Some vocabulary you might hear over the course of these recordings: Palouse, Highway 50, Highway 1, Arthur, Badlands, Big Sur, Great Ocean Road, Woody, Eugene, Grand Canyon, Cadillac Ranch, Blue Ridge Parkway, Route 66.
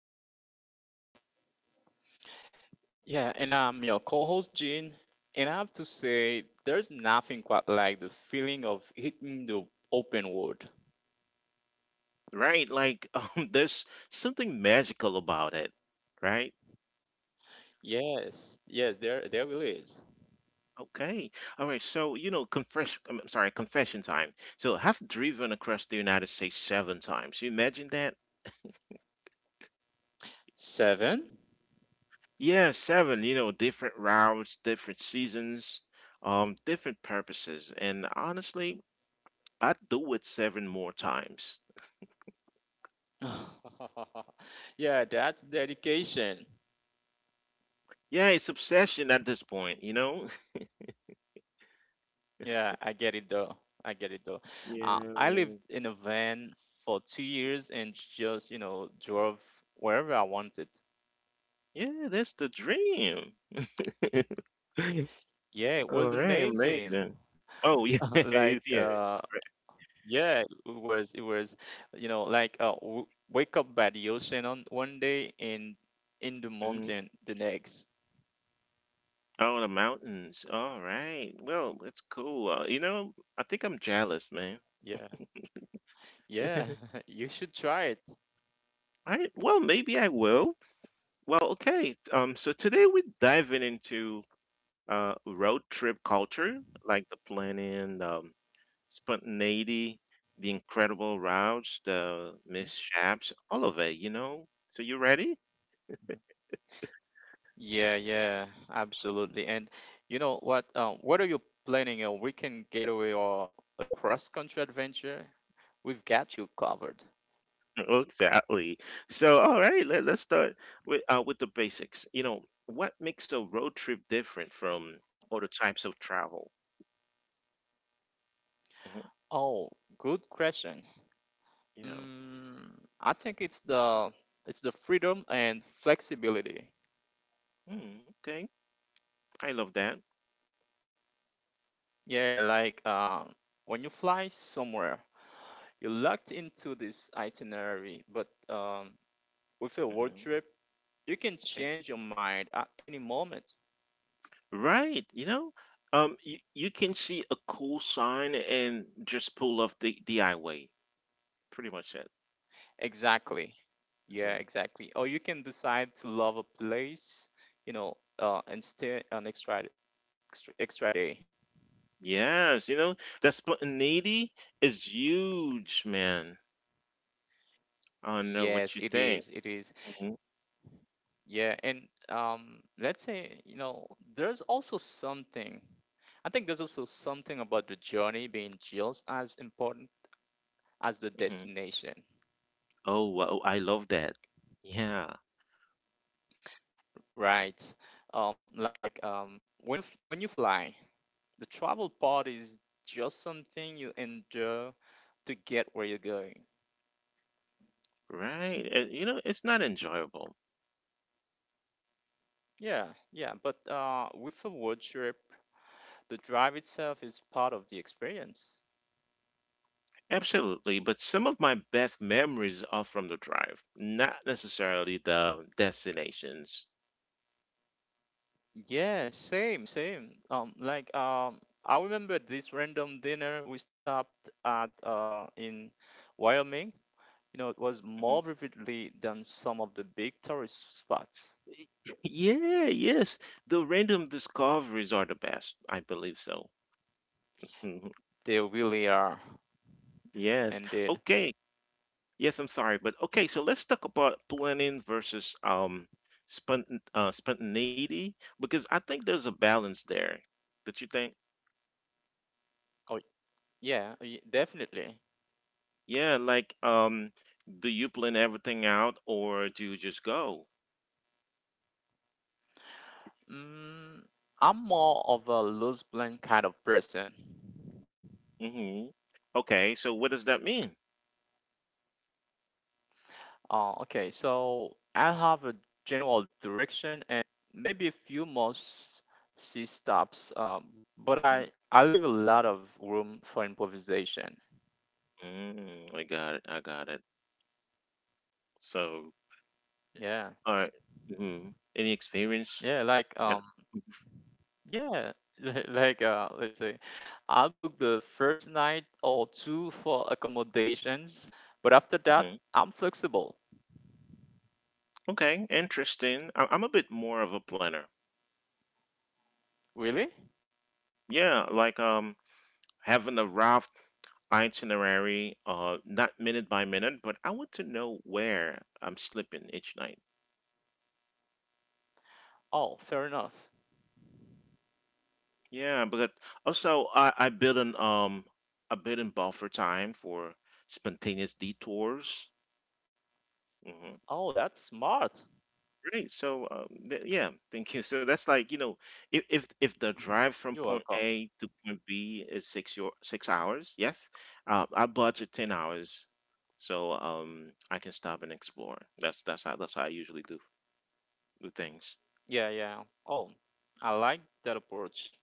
road trips, Yeah, and I'm your co-host Gene, and I have to say there's nothing quite like the feeling of hitting the open world. right? Like, there's something magical about it, right? Yes, yes, there really is. Okay. All right. So, confession time. So, I've driven across the United States seven times. You imagine that? Seven? Yeah, seven, you know, different rounds, different seasons, different purposes. And honestly, I'd do it seven more times. Yeah, that's dedication. Yeah, it's obsession at this point, you know? Yeah, I get it though. I get it though. Uh, Yeah, I lived man. in a van for 2 years and just, drove wherever I wanted. Yeah, that's the dream. Yeah, it All was right, amazing. amazing. Oh, yeah, Like yeah. uh Yeah, it was, w wake up by the ocean on one day and in the Hmm. mountain the next. Oh, the mountains. All right. Well, that's cool. You know, I think I'm jealous, man. Yeah, yeah, you should try it. All right. Well, maybe I will. Well, okay. So today we're diving into road trip culture, like the planning, the spontaneity, the incredible routes, the Mhm. mishaps, all of it, you know? So you ready? Yeah, yeah, absolutely. And you know what? What are you planning? A weekend getaway or a cross-country adventure? We've got you covered. Exactly. So all right, let's start with the basics. You know, what makes a road trip different from other types of travel? Hmm. Oh, good question. Yeah. Mm, I think it's the freedom and flexibility. Mm, okay. I love that. Yeah, when you fly somewhere, you're locked into this itinerary, but with a world Hmm. trip, you can Okay. change your mind at any moment. Right. You know, you can see a cool sign and just pull off the highway. Pretty much it. Exactly. Yeah, Mhm. exactly. Or you can decide to love a place, and stay an extra day. Yes, you know, that spontaneity is huge, man. I don't know what Yes, you it think. is. It is. Hmm. Yeah, and let's say, you know, there's also something. I think there's also something about the journey being just as important as the Hmm. destination, Oh, wow, I love that. Yeah, right? Um, like um, when when you fly, the travel part is just something you endure to get where you're going. right. You know, it's not enjoyable. Yeah, yeah. But with a road trip, the drive itself is part of the experience. Absolutely, but some of my best memories are from the drive, not necessarily the destinations. Yeah, same, same. I remember this random dinner we stopped at in Wyoming. You know, it was Hmm. more vividly than some of the big tourist spots. Yeah, yes. The random discoveries are the best. I believe so. They really are, Yes. indeed. Okay. Yes, I'm sorry, but okay, so let's talk about planning versus spont spontaneity because I think there's a balance there. Don't you think? Oh, yeah, definitely. Yeah, like do you plan everything out or do you just go? Mm, I'm more of a loose blend kind of person. Hmm. Okay, so what does that mean? Okay, so I have a general direction and maybe a few more C-stops, but Hmm. I leave a lot of room for improvisation. Mm, I got it. So, Yeah, all right. Mm-hmm. Any experience? yeah, like That, um, Yeah, like uh, let's say, I'll book the first night or two for accommodations, but after that, hmm. I'm flexible. Okay, interesting. I'm a bit more of a planner. Really? Yeah, like having a rough itinerary, not minute by minute, but I want to know where I'm sleeping each night. Oh, fair enough. Yeah, but also I build an a bit in buffer time for spontaneous detours. Hmm. Oh, that's smart. Great. So yeah, thank you. So that's like you know, if the Mhm. drive You're from welcome. point A to point B is 6 hours, yes, I budget 10 hours, so I can stop and explore. That's how I usually do. Do things. Yeah, yeah. Oh, I like that approach.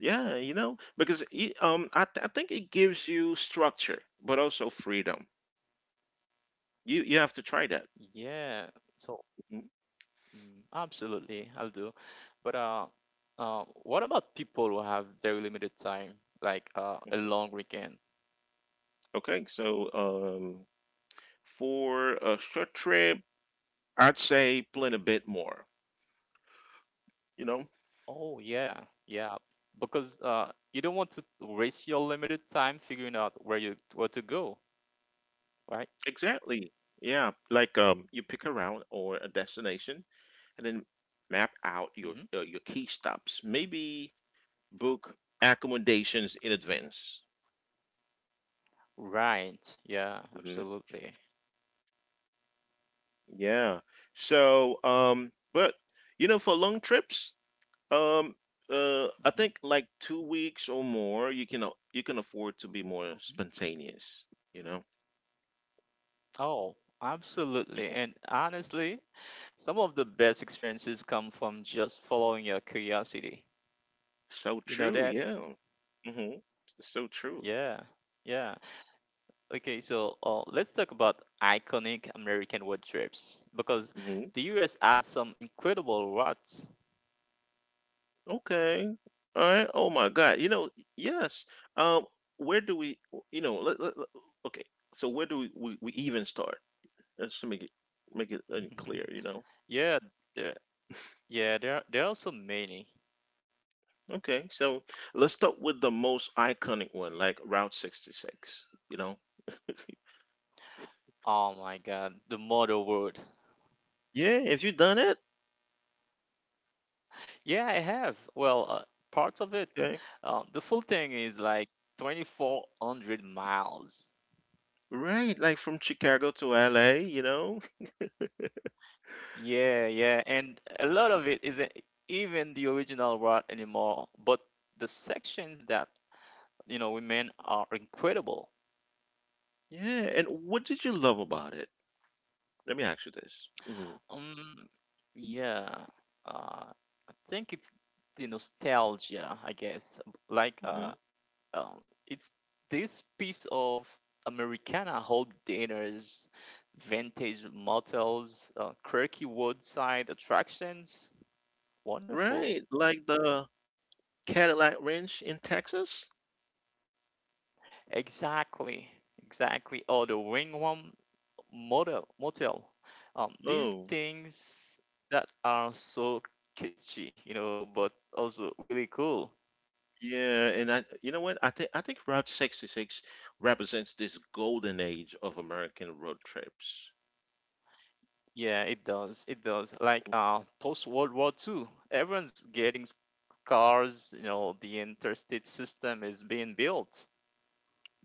Yeah, you know, because I think it gives you structure, but also freedom. You have to try that. Yeah. So, Mhm. Absolutely, I'll do. But what about people who have very limited time, a long weekend? Okay, so for a short trip, I'd say plan a bit more. You know, Oh yeah, yeah. Because you don't want to waste your limited time figuring out where to go, right? exactly. Yeah, like you pick a route or a destination, and then map out hmm your key stops. Maybe book accommodations in advance. Right. Yeah. Mm-hmm. Absolutely. Yeah. So, but you know, for long trips, um, I think Hmm like 2 weeks or more, you can afford to be more hmm spontaneous. You know. Oh, absolutely. Mhm. And honestly, some of the best experiences come from just following your curiosity. So You know true. that? Yeah. Hmm. So true. Yeah. Yeah. Okay. Let's talk about iconic American road trips because Hmm. the U.S. has some incredible routes. Okay. All right. Oh my God. You know. Yes. Um. Where do we? You know. Okay. So where do we even start? Let's make it clear. You know. Yeah, there, Yeah, there are so many. Okay, so let's start with the most iconic one, like Route 66, you know? Oh my God, the model world. Yeah, if you done it, Yeah, I have. Well, parts of it. okay. The full thing is like 2,400 miles. Right, like from Chicago to LA, you know? Yeah, yeah, and a lot of it isn't even the original route anymore, but the sections that, you know, we made are incredible. Yeah, and what did you love about it? Let me ask you this. Hmm. Um, yeah, uh, I think it's the nostalgia, I guess. Like Hmm. uh, um, it's this piece of Americana home dinners, vintage motels, quirky woodside attractions. Wonderful. Right, like the Cadillac Ranch in Texas? Exactly, exactly. Or the Wingwam motel. These Oh, things that are so kitschy, you know, but also really cool. yeah, and I, you know what? I think Route 66 represents this golden age of American road trips. Yeah, it does. It does. Post World War Two, everyone's cars. You know, the interstate system is being built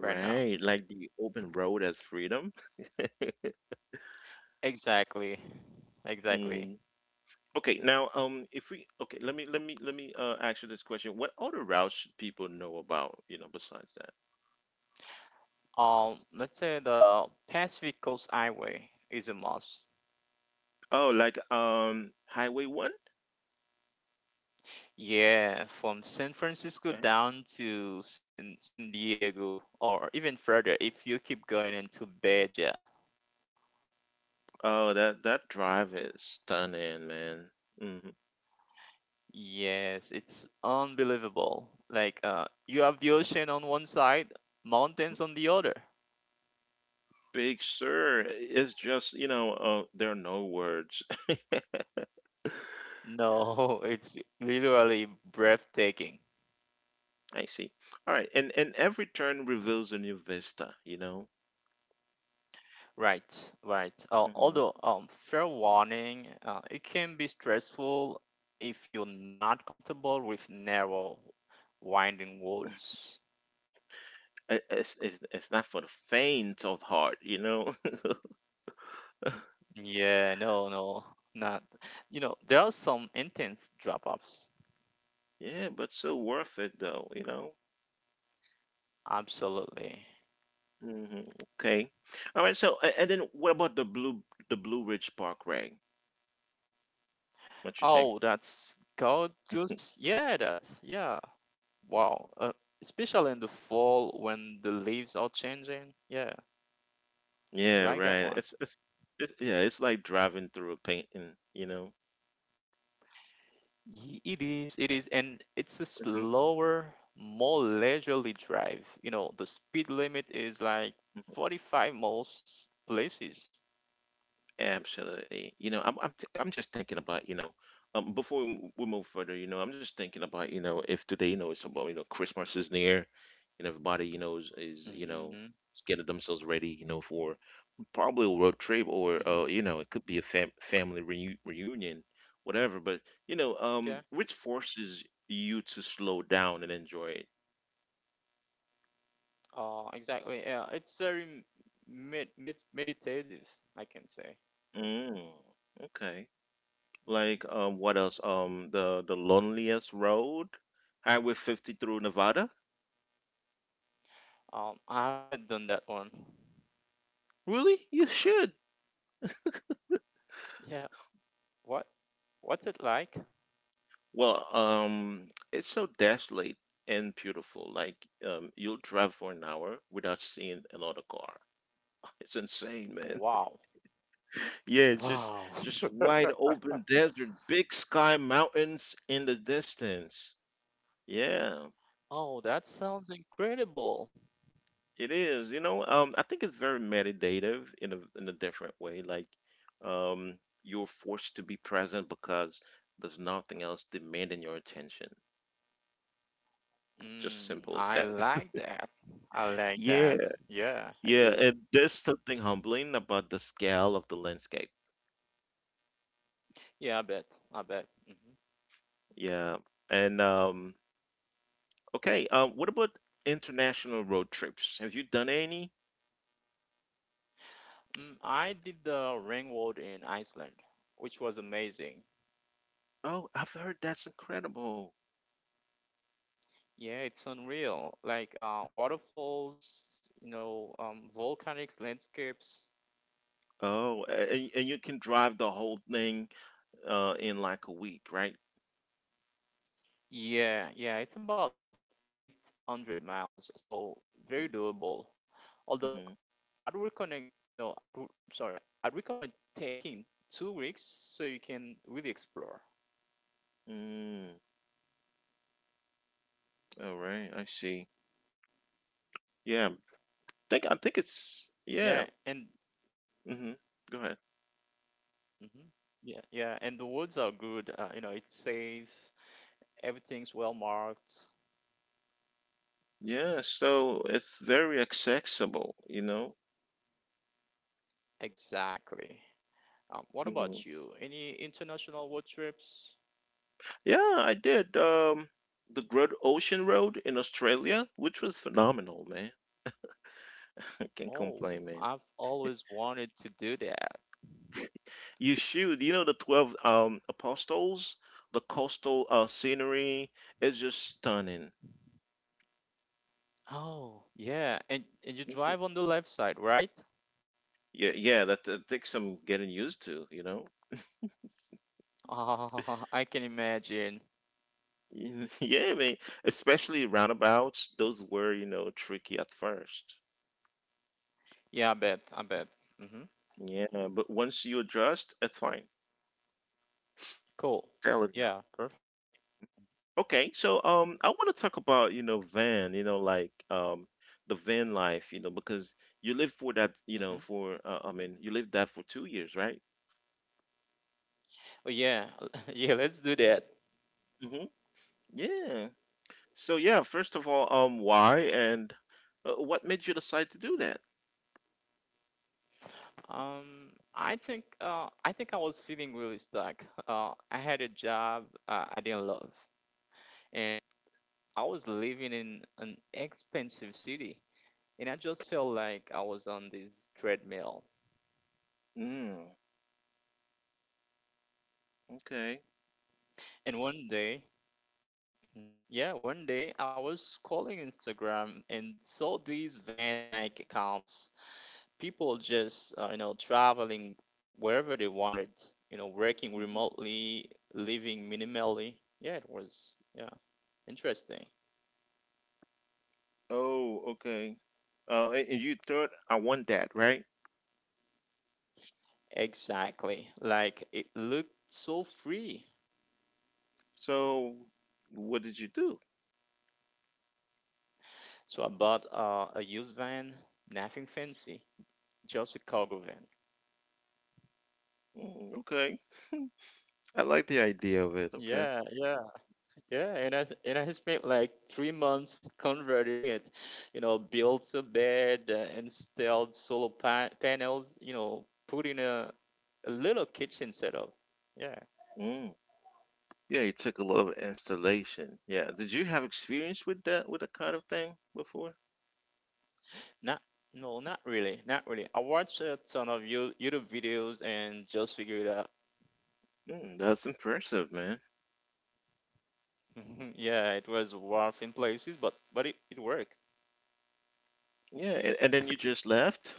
right now. like the open road as freedom. Exactly. Exactly. Okay, now if we okay, let me ask you this question. What other routes should people know about, you know, besides that? Let's say The Pacific Coast Highway is a must. Oh, like Highway 1? Yeah, from San Francisco Okay. down to San Diego, or even further if you keep going into Beja. Oh, that that drive is stunning, man. Hmm. Yes, it's unbelievable. You have the ocean on one side, mountains on the other. Big Sur is just, you know, there are no words. No, it's literally breathtaking. I see. All right, and every turn Mhm. reveals a new vista, you know. Right, right. Hmm. Fair warning, it can be stressful if you're not comfortable with narrow, winding roads. It, it's not for the faint of heart, you know. Yeah, no, no, not. You know, there are some intense drop-offs. Yeah, but so worth it though, you know. Absolutely. Hmm. Okay. All right. So, and then what about the Blue Ridge Parkway? What you think? Oh, that's gorgeous. Yeah, that's yeah. Wow. Especially in the fall when the leaves are changing. Yeah, Yeah, I like that right. one. Yeah, it's like driving through a painting, you know. It is, and it's a Hmm. slower, more leisurely drive. You know, the speed limit is like Hmm. 45 most places. Absolutely. You know, I'm just thinking about, you know, before we move further, you know, I'm just thinking about, you know, if today, you know, it's about, you know, Christmas is near and everybody, you know, is you know, Mm-hmm. is getting themselves ready, you know, for probably a road trip or Mm-hmm. You know, it could be a family reunion, whatever. But you know Okay. which forces you to slow down and enjoy it. Exactly. Yeah, it's very meditative, I can say. Mm, okay, like Hmm what else the loneliest road, highway 50 through Nevada. I haven't done that one. Really, you should. Yeah, What? What's it like? Well, it's so desolate and beautiful. Like, you'll drive for an hour without seeing another car. It's insane, man. Wow. Yeah, Wow. just wide open desert, big sky, mountains in the distance. Yeah, Oh, that sounds incredible. it is. You know, I think it's very meditative in a different way. Like, you're forced to be present because there's nothing else demanding your attention. Just Mm, simple as I that. like that. I like Yeah, that. Yeah, I yeah, do. and there's something humbling about the scale of the landscape. Yeah, I bet. I bet. Yeah, and okay, what about international road trips? Have you done any? Hmm I did the ring world in Iceland, which was amazing. Oh, I've heard that's incredible. Yeah, it's unreal. Waterfalls, you know, volcanic landscapes. Oh, and you can drive the whole thing in like a week, right? Yeah, yeah, it's about 800 miles, so very doable. Although Mm-hmm. I'd recommend, you know, I'd sorry, I'd recommend taking 2 weeks so you can really explore. Mm, all right, I see. Yeah, think I think it's Yeah, and yeah. Mm-hmm. Go ahead. hmm yeah, yeah, and the woods are good. You know, it's safe. Everything's well marked. Yeah, so it's very accessible, you know. Exactly. What about Hmm. you? Any international road trips? Yeah, I did the Great Ocean Road in Australia, which was phenomenal, man. I can't Oh, complain, man. I've always wanted to do that. You should. You know, the 12 apostles, the coastal scenery is just stunning. Oh, yeah, and you drive on the left side, right? Yeah, yeah, that takes some getting used to, you know. Oh, I can imagine. Yeah, I mean, especially roundabouts, those were, you know, tricky at first. Yeah, I bet, I bet. Hmm Yeah, but once you adjust, it's fine. Cool. Telling you. Yeah, perfect. Okay, so I want to talk about, you know, you know, like the van life, you know, because you live for that, you Hmm know, for I mean, you lived that for 2 years, right? Oh yeah, yeah. Let's do that. Mm-hmm. Yeah. So yeah, first of all, why and what made you decide to do that? I think I was feeling really stuck. I had a job I didn't love, and I was living in an expensive city, and I just felt like I was on this treadmill. Mm, okay. And one day, Mhm. yeah, one day I was scrolling Instagram and saw these van-like accounts people just you know traveling wherever they wanted you know working Hmm. remotely living minimally yeah it was yeah interesting Oh, okay. And you thought I want that, right? exactly like it looked so free So what did you do? so I bought a used van nothing fancy just a cargo van Mm, okay. I like the idea of it. Okay. yeah yeah yeah and I spent like 3 months converting it you know built a bed installed panels you know put in a little kitchen setup. Yeah, Mm. Yeah, it took a lot of installation. Yeah. Did you have experience with that kind of thing before? not no, not really, not really. I watched a ton of YouTube videos and just figured out. Mm, that's impressive, man. yeah, it was rough in places, but it worked. Yeah, and then you just left?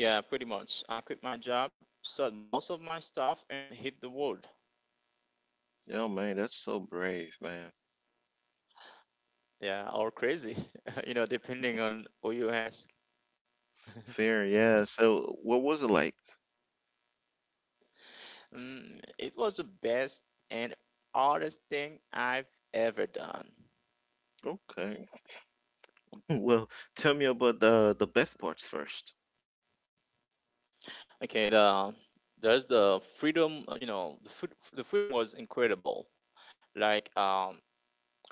Yeah, pretty much. I quit my job, sold most of my stuff, and hit the road. Oh man, that's so brave, man. Yeah, or crazy, you know, depending on who you ask. Fair, yeah. So, what was it like? It was the best and hardest thing I've ever done. Okay. Well, tell me about the best parts first. Okay, there's the freedom, the freedom was incredible. Like, um,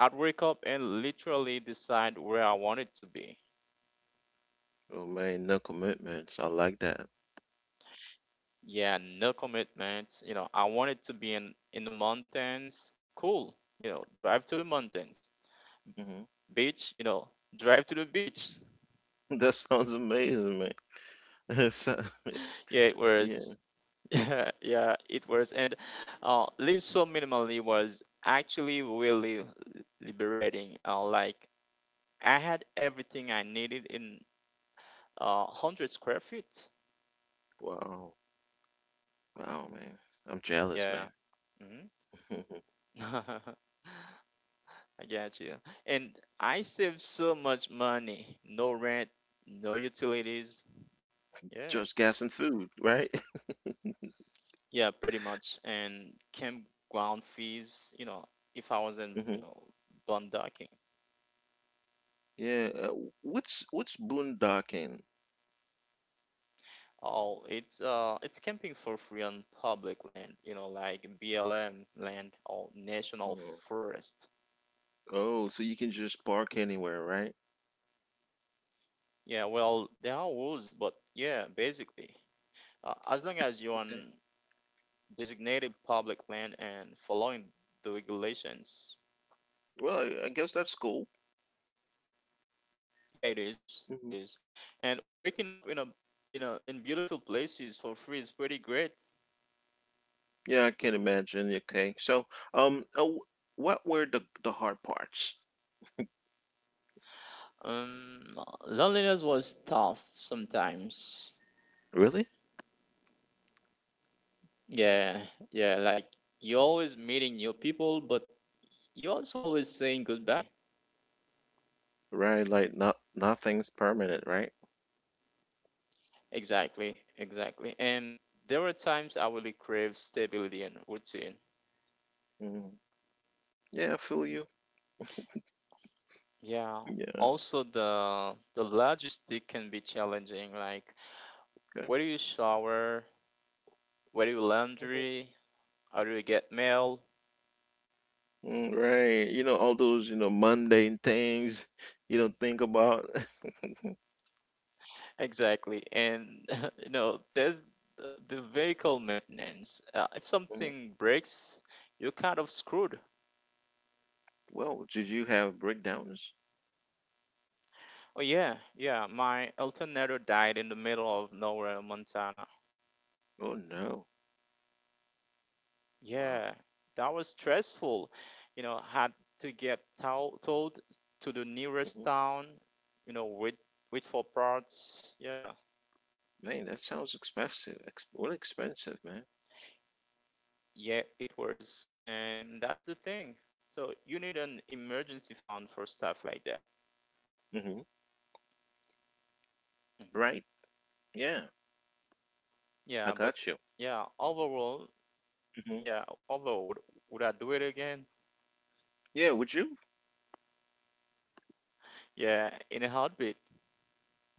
I'd wake up and literally decide where I wanted to be. Oh man, no commitments. I like that. Yeah, no commitments. You know, I wanted to be in the mountains. Cool. You know, drive to the mountains. Hmm. Beach, you know, drive to the beach. That sounds amazing, man. So, Yeah, it yeah. was. Yeah, yeah, it was. And living so minimally was actually really liberating. Like, I had everything I needed in 100 square feet. Wow. Wow, man. I'm jealous, Yeah. man. hmm I get you. And I saved so much money. No rent, no utilities. Yeah. Just gas and food, right? Yeah, pretty much. And campground fees, you know, if I wasn't, you Hmm. know, boondocking. Yeah. What's boondocking? Oh, it's camping for free on public land, you know, like BLM land or national Mhm. forest. Oh, so you can just park anywhere, right? Yeah, well, there are rules, but yeah, basically. As long as you're on Okay. designated public land and following the regulations. Well, I guess that's cool. Yeah, it is. It is. And waking up in a in a in beautiful places for free is pretty great. Yeah, I can imagine. Okay. So, um, uh, w- what were the hard parts? Um, Loneliness was tough sometimes. Really? Yeah, yeah. Like you're always meeting new people, but you also always saying goodbye. Right, like not nothing's permanent, right? Exactly, exactly. And there were times I really craved stability and routine. Mm. Yeah, I feel you. Yeah. Yeah, Also, the logistic can be challenging. Like, okay. where do you shower? Where do you Mhm. laundry? How do you get mail? Mm, right. You know, all those, you know, mundane things you don't think about. Exactly. And you know, there's the the vehicle maintenance. If Mhm. something breaks, you're kind of screwed. Well, did you have breakdowns? Oh yeah, yeah. My alternator died in the middle of nowhere, in Montana. Oh no. Wow. Yeah, that was stressful. You know, had to get told to the nearest Hmm. town, you know, wait for parts. Yeah. Man, that sounds expensive. Ex Well, expensive, man. Yeah, it was. And that's the thing. So you need an emergency fund for stuff like that. Hmm. Hmm Right. Yeah, I Yeah, but got you. yeah, overall, Hmm. yeah, overall, would, would I do it again? Yeah, would you? Yeah, in a heartbeat.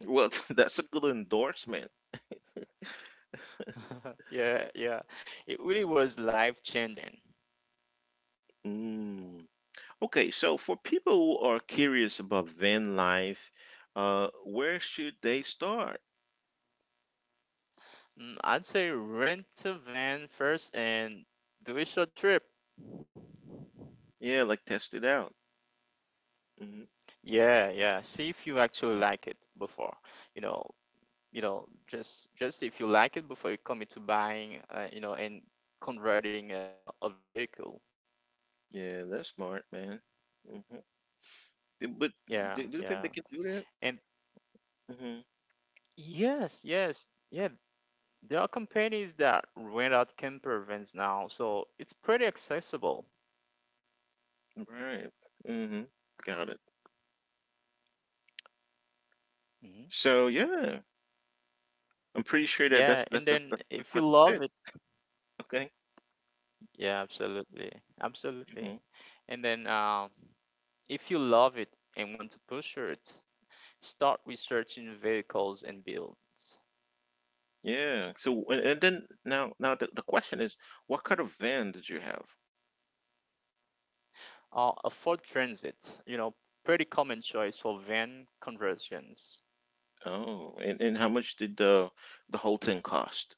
Well, that's a good endorsement. Yeah, yeah. It really was life changing. Mm. Okay, so for people who are curious about van life, where should they start? I'd say rent a van first and do a short trip. Yeah, like test it out. Hmm. Yeah, yeah. See if you actually like it before. You know, you know, just If you like it before you commit to buying, you know, and converting a vehicle. Yeah, that's smart, man. Mm-hmm. But Yeah, do do you yeah. think they can do that? And Hmm. yes, yes, yeah. There are companies that rent out camper vans now, so it's pretty accessible. Right. Hmm. Got it. Hmm So yeah, I'm pretty sure that Yeah, and then that's if what you you love did. it, Okay. yeah, absolutely, absolutely. Hmm. And then. If you love it and want to push it, start researching vehicles and builds. Yeah. So and then now now the question is, what kind of van did you have? A Ford Transit, you know, pretty common choice for van conversions. Oh, and how much did the whole thing cost?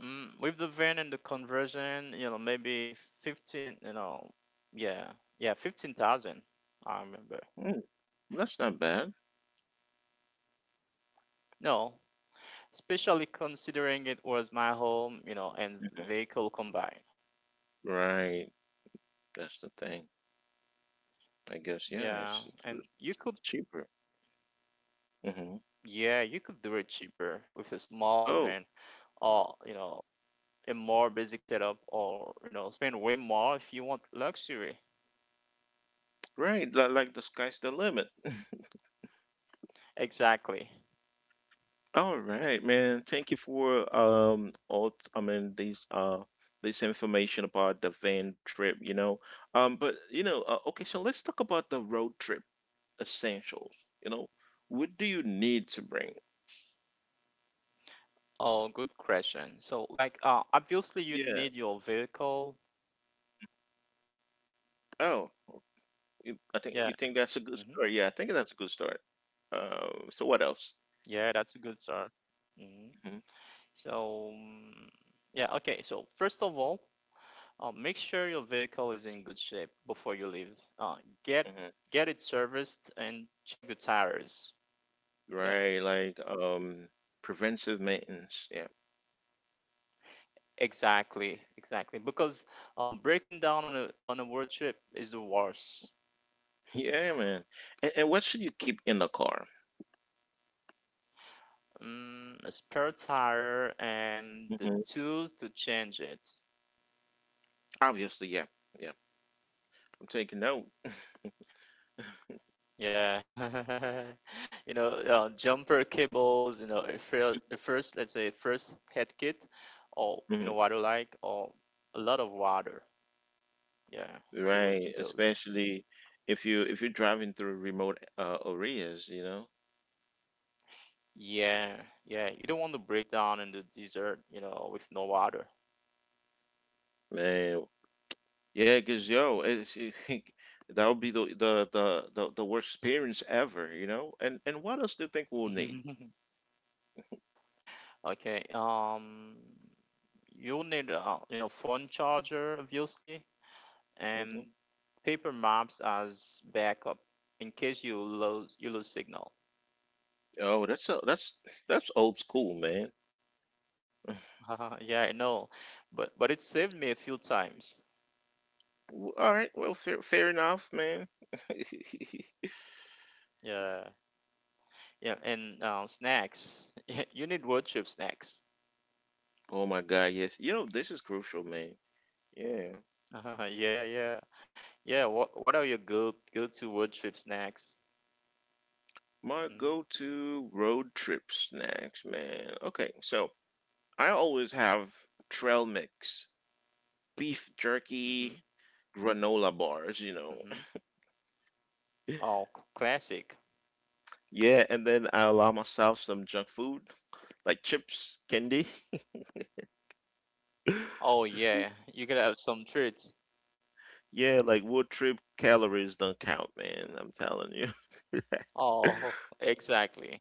With the van and the conversion, maybe 15, yeah, yeah, 15,000, I remember. Mm, that's not bad. No, especially considering it was my home, and Mhm. vehicle combined. Right. That's the thing. I guess yeah, Yeah, it's and cheaper. Hmm. yeah, you could do it cheaper with a smaller Oh, van or, a more basic setup or spend way more if you want luxury. right. Like the sky's the limit. Exactly. All right, man. Thank you for all I mean these this information about the van trip, you know. But okay, so let's talk about the road trip essentials, you know. What do you need to bring? Oh, good question. So, like, obviously you Yeah. need your vehicle. Oh, I Yeah. think you think that's a good Hmm, start. Yeah, I think that's a good start. So what else? yeah, that's a good start. hmm Hmm. so, yeah, okay, so first of all, make sure your vehicle is in good shape before you leave uh get Hmm. get it serviced and check the tires. Yeah, Right, like preventive maintenance. Yeah, exactly, exactly, because breaking down on a road trip is the worst. yeah, man. And what should you keep in the car? A spare tire and the Hmm. tools to change it. Obviously, yeah, yeah. I'm taking note. Yeah. Jumper cables, a first, let's say, first head kit, or, you Hmm. know, what you like, or a lot of water. Yeah, you would Right, need those. especially if you're driving through remote areas, Yeah, yeah. You don't want to break down in the desert, with no water. man. Yeah, cause yo, that would be the worst experience ever. And what else do you think we'll need? Okay, you'll need, phone charger, obviously. Mhm. And paper maps as backup in case you lose signal. Oh, that's a, that's that's old school, man. Yeah, I know, but it saved me a few times. All right, well, fair enough, man. Yeah, yeah, and snacks. You need road trip snacks. Oh my God, yes. You know, this is crucial, man. Yeah. Yeah, yeah, yeah. What are your go to road trip snacks? My Mhm, go-to road trip snacks, man. Okay, so I always have trail mix, beef jerky, mhm, granola bars. mhm. Oh, classic. Yeah, and then I allow myself some junk food like chips, candy. Oh yeah, you gotta have some treats. Yeah, like wood trip calories don't count, man. I'm telling you. Oh, exactly.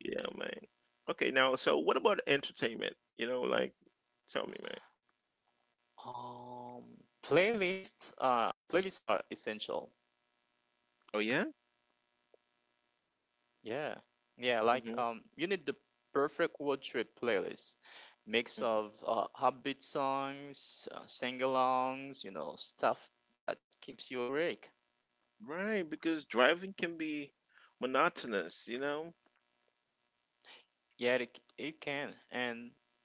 Yeah, man. Okay, now, so what about entertainment? Like, tell me, man. Um, Playlist. Playlists are essential. Oh, yeah? Yeah. Yeah, like, Hmm. You need the perfect road trip playlist. Mix Hmm. of upbeat songs, sing-alongs, stuff that keeps you awake. Right, because driving can be monotonous, Yeah, it can. And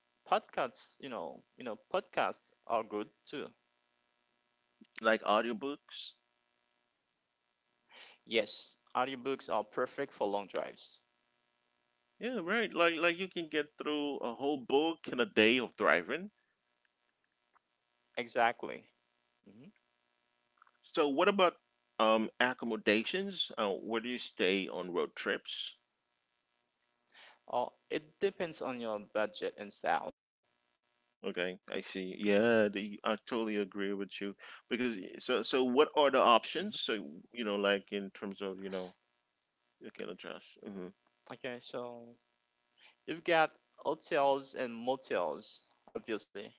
podcasts, podcasts are good too. like audiobooks. Yes, audiobooks are perfect for long drives. Yeah, right. Like you can get through a whole book in a day of driving. Exactly. Hmm. So, what about accommodations? Where do you stay on road trips? Oh, it depends on your budget and style. Okay, I see. Yeah, I totally agree with you because so what are the Hmm. options? So like in terms of you can adjust, Okay, so you've got hotels and motels, obviously.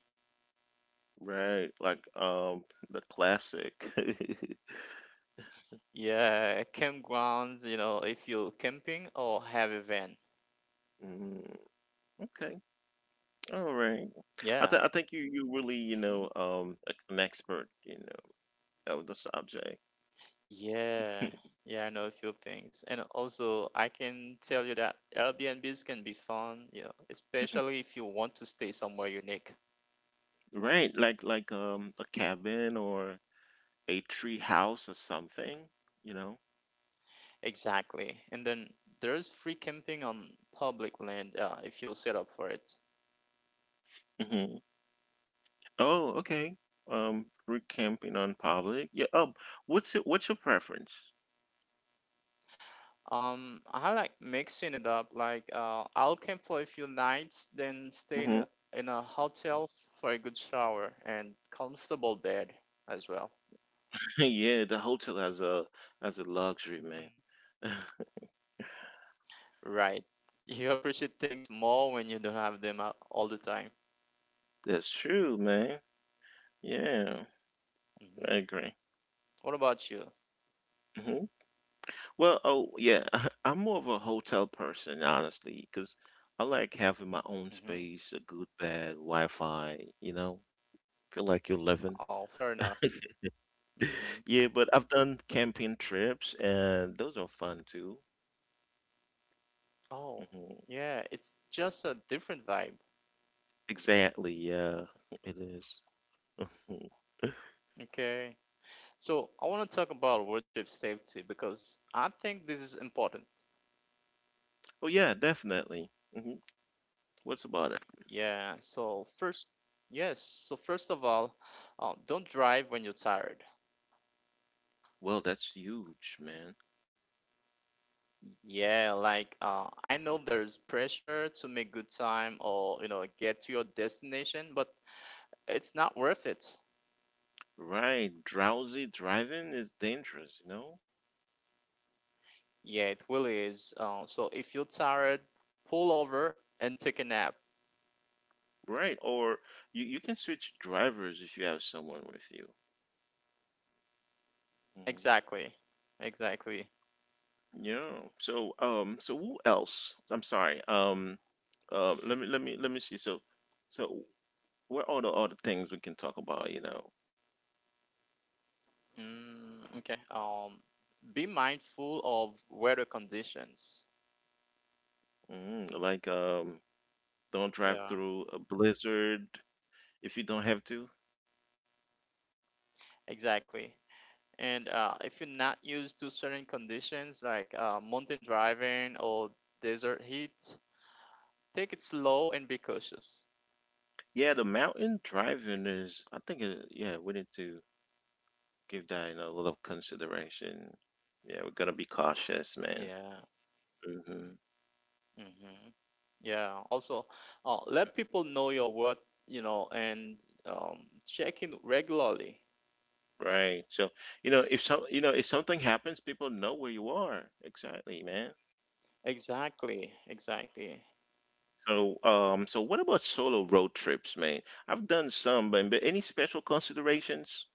right? Like the classic. Yeah, campgrounds, if you're camping or have a van. Mm, okay, all right. I Yeah. think you really Mm-hmm. An expert of the subject, Yeah. Yeah, I know a few things. And also, I can tell you that Airbnbs can be fun, especially if you want to stay somewhere unique. right? Like a cabin or a tree house or something, you know. Exactly. And then there's free camping on public land, if you set up for it. Mm-hmm. Oh, okay. Free camping on public. Yeah. What's your preference? I like mixing it up. Like, I'll camp for a few nights, then stay in Hmm. a, in a hotel for a good shower and comfortable bed as well. Yeah, the hotel has a as a luxury, Mhm. man. Right. You appreciate things more when you don't have them all the time. That's true, man. Yeah, I Hmm. agree. What about you? Hmm. Well, oh yeah, I'm more of a hotel person, honestly, because I like having my own space, Hmm. a good bed, Wi-Fi. Feel like you're living. Oh, fair enough. Yeah, Hmm. but I've done camping trips, and those are fun too. Oh, Hmm. yeah, it's just a different vibe. Exactly, yeah, it is. Okay. So I want to talk about road trip safety because I think this is important. Oh yeah, definitely. Hmm. What's about it? Yeah, so first of all, don't drive when you're tired. Well, that's huge, man. Yeah, like, I know there's pressure to make good time or get to your destination, but it's not worth it. Right, drowsy driving is dangerous, you know? Yeah, it really is. So if you're tired, pull over and take a nap. Right, or you can switch drivers if you have someone with you. Mhm. Exactly, exactly. Yeah. So who else? I'm sorry. Let me see. So what are the other things we can talk about? Mm. Okay. Be mindful of weather conditions. Like don't drive Yeah, through a blizzard if you don't have to. exactly. And if you're not used to certain conditions, like, mountain driving or desert heat, take it slow and be cautious. Yeah, the mountain driving is, I think, yeah, we need to give that a little consideration. Yeah, we're gonna be cautious, man. Yeah. Hmm. Hmm. Yeah. Also, let people know your worth, and um, check in regularly. Right. So, if something happens, people know where you are. Exactly, man. Exactly. Exactly. So, so what about solo road trips, man? I've done some, but any special considerations?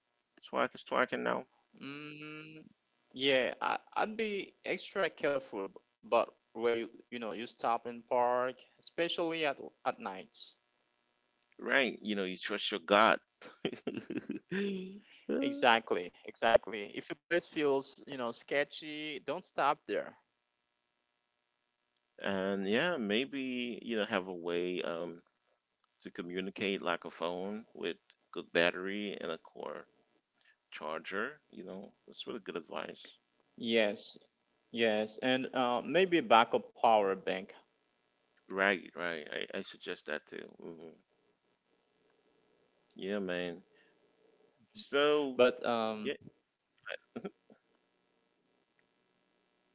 So I can know. Mm, yeah. I'd be extra careful, but where you stop and park, especially at night. Right. You trust your God. Exactly, exactly. If a place feels, sketchy, don't stop there. And yeah, maybe have a way to communicate like a phone with good battery and a core charger. That's really good advice. Yes, yes, and maybe backup power bank. Right, right. I suggest that too. Hmm. Yeah, man. So But, yeah,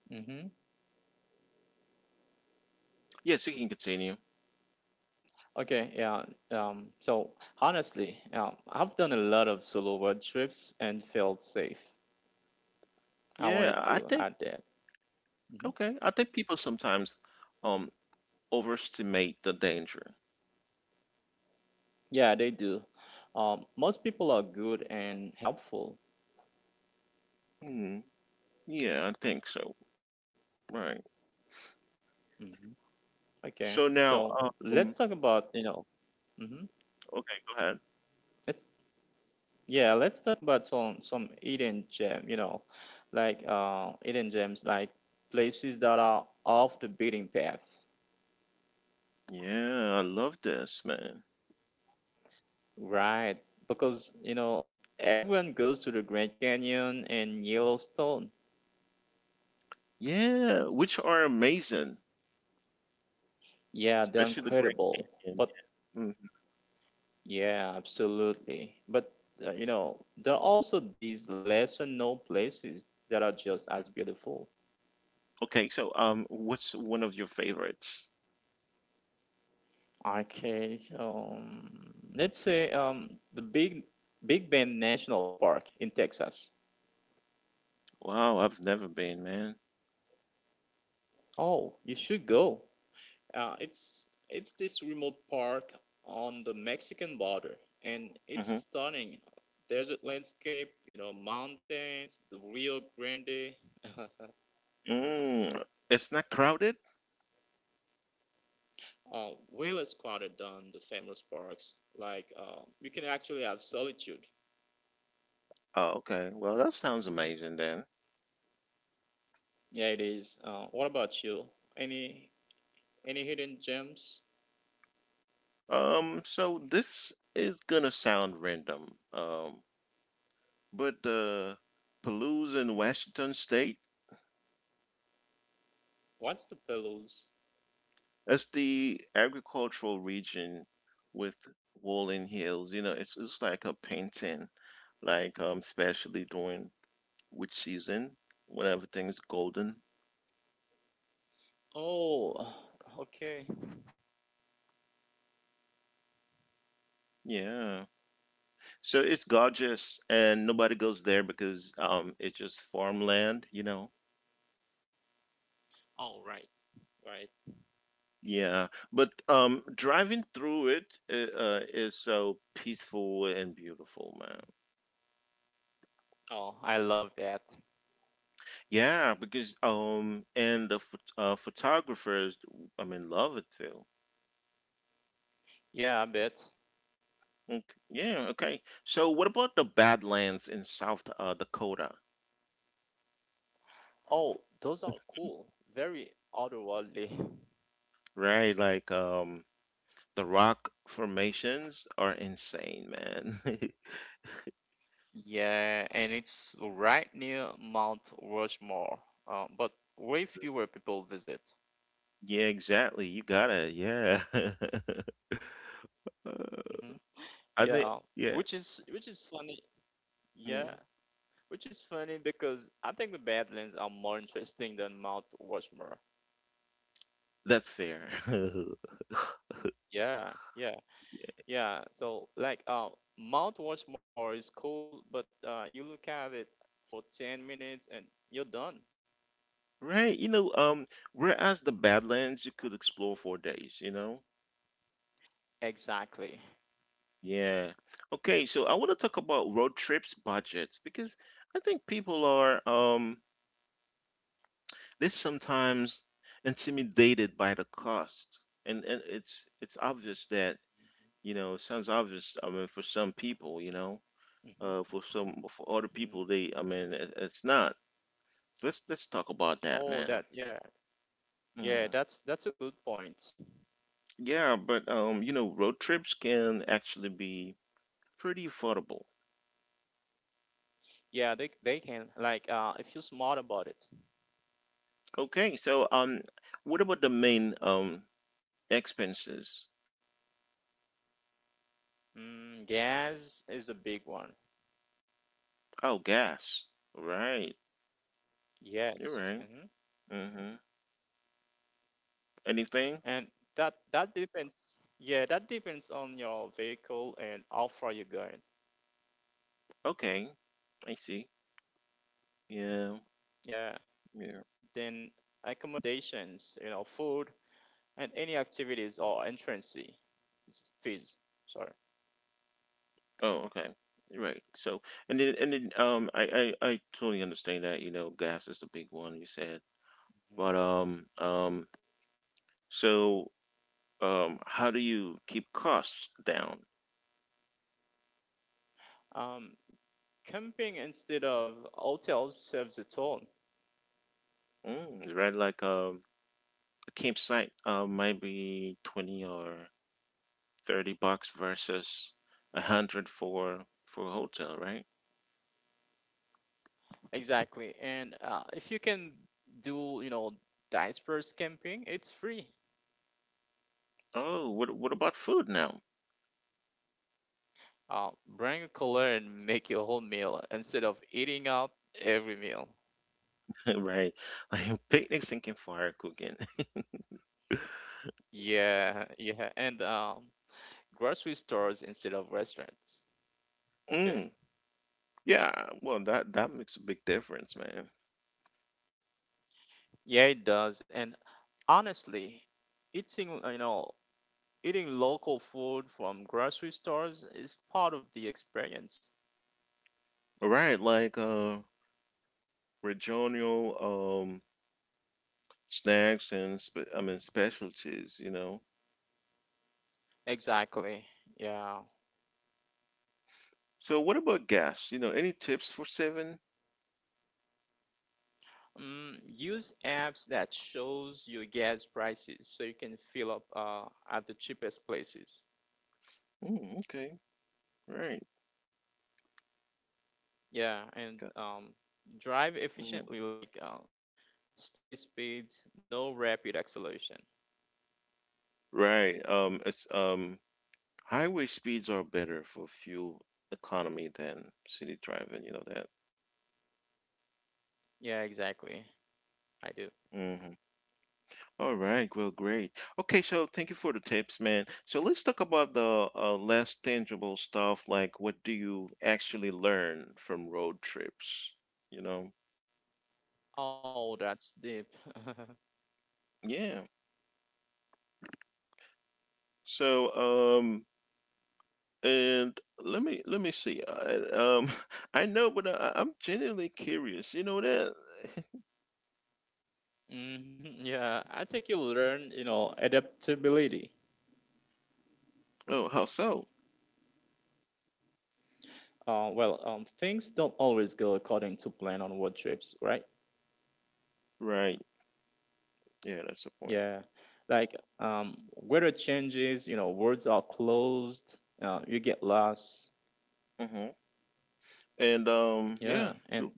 mhm. yeah. So you can continue. Okay, yeah. So honestly, I've done a lot of solo road trips and felt safe. I wanted Yeah, to I add think that. Hmm. okay. I think people sometimes um overestimate the danger. Yeah, they do. Most people are good and helpful. Hmm. Yeah, I think so. Right. Hmm. Okay, So now, so let's um, talk about, mhm. okay, go ahead. let's Yeah, let's talk about some hidden gems, like places that are off the beaten path, Yeah, I love this, man. right? Because everyone goes to the Grand Canyon and Yellowstone. Yeah, which are amazing, Yeah, they're especially the Great incredible. Canyon. But Mhm. yeah, absolutely. But there are also these lesser known places that are just as beautiful. Okay, so what's one of your favorites? Okay, so let's say, the Big Bend National Park in Texas. Wow, I've never been, man. Oh, you should go. It's this remote park on the Mexican border, and it's Hmm. stunning. Desert landscape, mountains, the Rio Grande. Mm, it's not crowded? Way less crowded than the famous parks. Like, you can actually have solitude. Oh, okay. Well, that sounds amazing then. Yeah, it is. What about you? Any any hidden gems? So this is gonna sound random. But Palouse in Washington State What's the pillows? as the agricultural region with rolling hills, it's like a painting, like especially during which season when everything's golden. Oh, okay. Yeah, so it's gorgeous, and nobody goes there because it's just farmland. All right. Right. Yeah, but driving through it is so peaceful and beautiful, man. Oh, I love that. Yeah, because and the photographers, I mean, love it too. Yeah, I bet. Yeah, okay. So what about the Badlands in South Dakota? Oh, those are cool. Very otherworldly. Right? Like the rock formations are insane, man. Yeah, and it's right near Mount Rushmore, but way fewer people visit. Yeah, exactly. You got it. Yeah. Uh, Hmm. I Yeah, think which yeah. is which is funny. Yeah, Mhm. which is funny because I think the Badlands are more interesting than Mount Rushmore. That's fair. Yeah, yeah. Yeah, so like, Mount Rushmore is cool, but, you look at it for 10 minutes and you're done. Right. Whereas the Badlands you could explore for days, you know? Exactly. Yeah. Okay, so I want to talk about road trips budgets because I think people are They're sometimes intimidated by the cost, and it's obvious that it sounds obvious. I mean, for some people, Hmm. for other people, Hmm. they I mean, it's not. Let's talk about that, Oh, man. that yeah, yeah. Mm. That's a good point. Yeah, but road trips can actually be pretty affordable. Yeah, they can, like, if you're smart about it. Okay, so what about the main expenses? Gas is the big one. Oh, gas. Right. You're Yes. right. Hmm. Mm-hmm. Anything? And that depends. Yeah, that depends on your vehicle and how far you're going. Okay, I see. Yeah, Yeah. yeah. Then accommodations, food and any activities or entrance fees. Sorry. Oh, okay. Right. So, I totally understand that. Gas is the big one you said, hmm but so, how do you keep costs down? Um, Camping instead of hotels serves its own. Mm, right, like a campsite, might be 20 or 30 bucks versus 100 for a hotel, right? Exactly. And if you can do, disperse camping, it's free. Oh, what about food now? Bring a cooler and make your whole meal instead of eating out every meal. Right, like picnics and campfire cooking. Yeah, yeah. And grocery stores instead of restaurants. Okay. Yeah, well, that makes a big difference, man. Yeah, it does. And honestly, eating, uh, you know, Eating local food from grocery stores is part of the experience. Right, like regional snacks and specialties. Exactly. Yeah. So what about gas? Any tips for seven? Use apps that shows your gas prices so you can fill up, at the cheapest places. Mm, okay, right. Yeah, and, Got- drive mhm. efficiently, like, steady speeds, no rapid acceleration. Right. It's highway speeds are better for fuel economy than city driving, you know that. Yeah, exactly. I do. Mm-hmm. All right, well, great. Okay, so thank you for the tips, man. So let's talk about the less tangible stuff, like what do you actually learn from road trips? You know? Oh, that's deep. Yeah. So, and let me see. I, I know, but I'm genuinely curious. You know that? Mhm. Yeah, I think you learn, adaptability. Oh, how so? Well, things don't always go according to plan on road trips, right? Right. Yeah, that's the point. Yeah, like, weather changes, roads are closed, you get lost. Hmm. And yeah. Yeah, and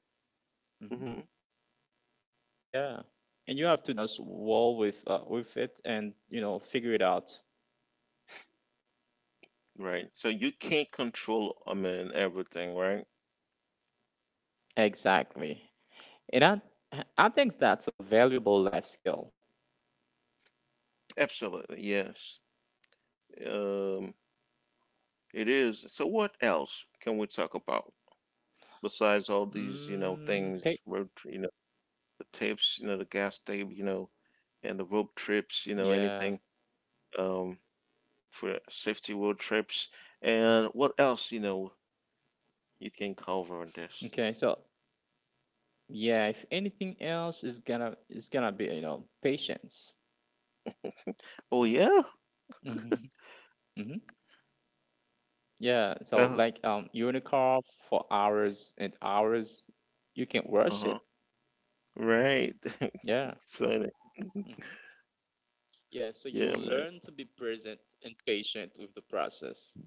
mhm, Mm-hmm. yeah, and you have to just roll with it and figure it out. Right. So you can't control, I mean, everything, right? Exactly, and I think that's a valuable life skill. Absolutely, yes. Um, it is. So what else can we talk about besides all these, Pick. things, road, tri- you know, the tips, the gas tape, and the road trips, Yeah. anything um for safety road trips and what else, you can cover on this. Okay. So yeah, if anything else is gonna be, patience. Oh yeah. Mm-hmm. Hmm. Yeah, so Uh, like, unicorn for hours and hours, you can watch uh-huh. it. Right. Yeah. Exciting. Hmm. Yeah, so you Yeah, man. learn to be present and patient with the process.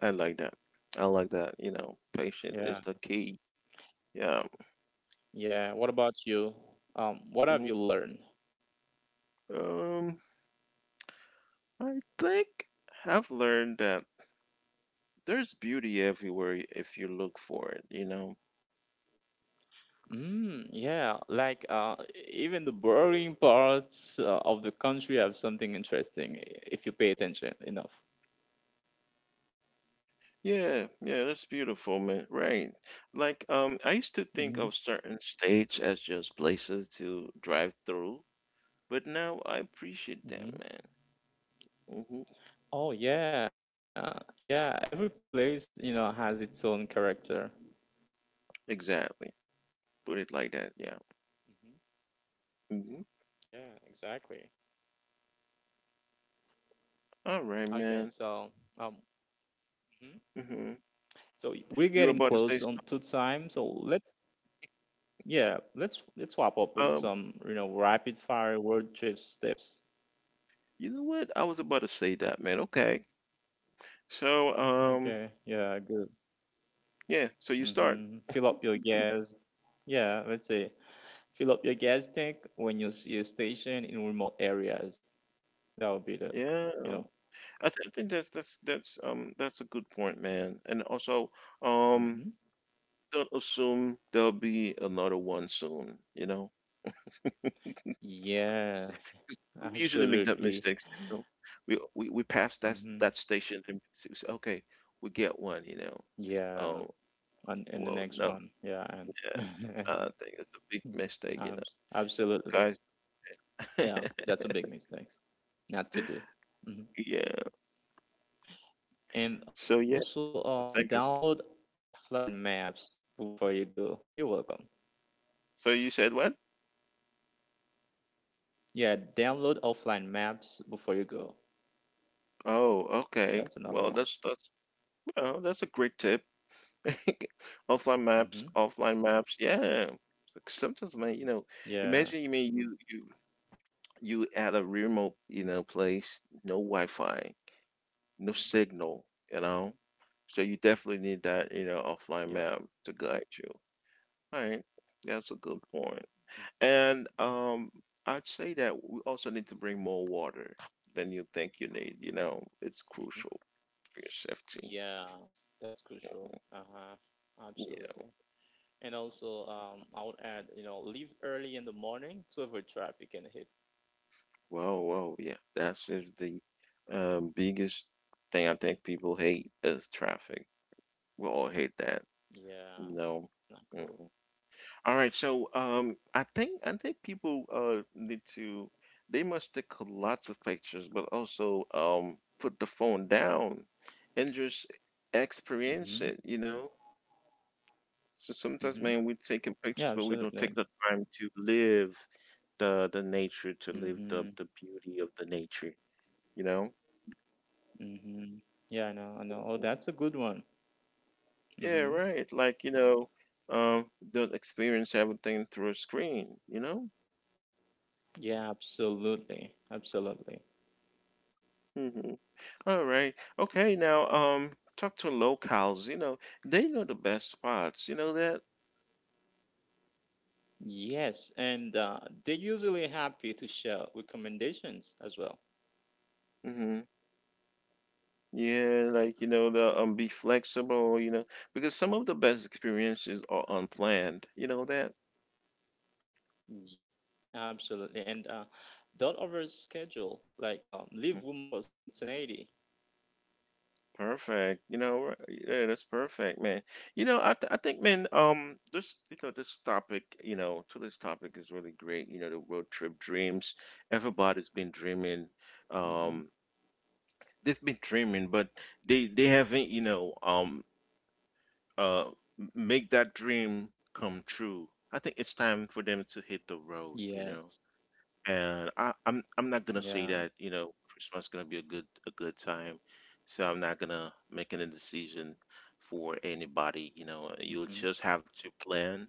I like that. I like that. Patient is the Yeah. key. Yeah. Yeah. What about you? What have you learned? Mhm. I think I've learned that there's beauty everywhere if you look for it. Mm, yeah, like, even the boring parts, of the country have something interesting, if you pay attention enough. Yeah, yeah, that's beautiful, man. Right. Like, I used to think of Hmm. certain states as just places to drive through, but now I appreciate them, man. Hmm. Hmm. Oh yeah, yeah. Every place, has its own character. Exactly. Put it like that, yeah. Hmm. Hmm. Yeah, exactly. All right, Okay, man. so um, mhm. Hmm. So we're You were getting about to say, close on to time. So let's yeah, let's wrap up with um, some, rapid fire road trip tips. you know what? I was about to say that, man. Okay. So, Okay, yeah, good. yeah, so you start. Hmm. Fill up your gas. Yeah, let's say fill up your gas tank when you see a station in remote areas. That would be the, Yeah. you know. I think that's a good point, man. And also, um, Hmm. don't assume there'll be another one soon. You know, Yeah, we usually make that absolutely. mistake. You know, we pass that Hmm. that station and we say, okay, we get one. You know, Yeah, oh and the well, next no, one. Yeah, and yeah, I think it's a big Mm. mistake. You know, Absolutely. guys. Yeah, that's a big mistake not to do. hmm Yeah. And So yeah, also, thank download you. offline maps before you go. You're welcome. So you said what? Yeah, download offline maps before you go. Oh, okay. That's another Well, one. that's a great tip. Hmm. offline maps, yeah. Like sometimes, man, Yeah. imagine you at a remote, place, no Wi-Fi, no Hmm. signal, you Hmm. know. So you definitely need that, Yeah. offline map to guide you. All right, that's a good point. And Hmm. I'd say that we also need to bring more water than you think you need. It's Hmm. crucial for your safety. Yeah. that's crucial. Uh-huh. Yeah. Absolutely. And also, I would add, leave early in the morning to avoid traffic and hit. Whoa, whoa, yeah. That's just the biggest thing I think people hate is traffic. We all hate that, you Yeah, know. it's not Mhm. cool. All right, so I think people need to they must take lots of pictures, but also put the phone down and just experience it. So sometimes, man, Mm-hmm. we're taking pictures, but Yeah, we don't take the absolutely. time to live the nature, to live the Mm-hmm. beauty of the nature, you know. Mm-hmm. Yeah, I know, I Mhm. know. Oh, that's a good one. Yeah, right. Mm-hmm. Like, don't experience everything through a screen, you know? Yeah, absolutely. Absolutely. Mm-hmm. All right. Okay, now, talk to locals, they know the best spots, you know that? Yes, and they're usually happy to share recommendations as well. Mm-hmm. Yeah, like, the be flexible, because some of the best experiences are unplanned, you know that? Y- Absolutely. And don't overschedule, like, leave room for spontaneity. Perfect. Yeah, that's perfect, man. I think, man, this you know this topic, you know, to this topic is really great. The road trip dreams. Everybody's been dreaming. Mm-hmm. Um, they've been dreaming, but they haven't, uh, make that dream come true. I think it's time for them to hit the road. You Yes. know and I'm not gonna Yeah. say that Christmas is gonna be a good time, so I'm not gonna make any decision for anybody. You know, Mm-hmm. you'll just have to plan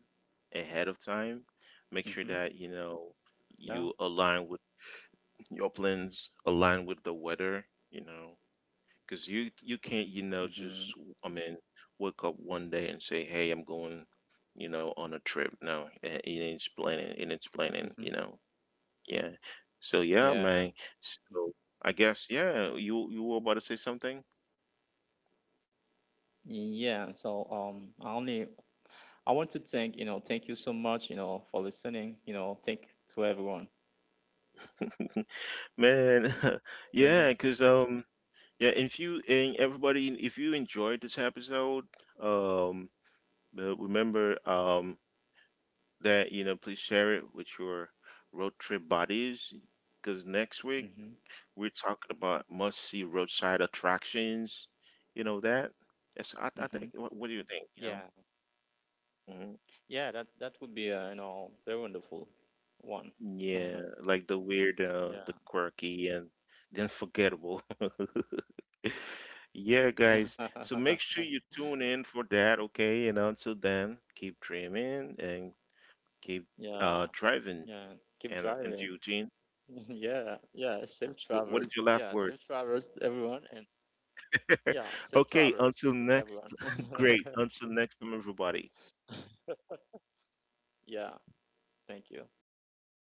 ahead of time, make Mm-hmm. sure that Yeah. you align with your plans, align with the weather. You know, because you can't Mm-hmm. just I mean wake up one day and say hey I'm going on a trip. No, it's planning and it's planning. Mm-hmm. Yeah. So yeah, Yeah. man. Mm-hmm. So I guess yeah, you were about to say something? Yeah, so, I want to thank you so much, for listening, thank to everyone. Man, Hmm. Yeah, cause um yeah, and if you and everybody if you enjoyed this episode, um remember that please share it with your road trip buddies. Cause next week Hmm. we're talking about must-see roadside attractions, you know that? That's I Hmm. think what do you think, you know? Yeah, Mhm. yeah, that would be a, very wonderful one. Yeah, like the weird, Yeah, the quirky, and the unforgettable. Yeah, guys. So make sure you tune in for that, okay? And until then, keep dreaming and yeah, keep yeah. driving. Keep driving. And Eugene, Yeah, yeah. Safe travels. Yeah, what is your safe last word? travels, everyone, and yeah, safe travels, Okay, until everyone. next, great. Until next time, everybody. Yeah, thank you. Have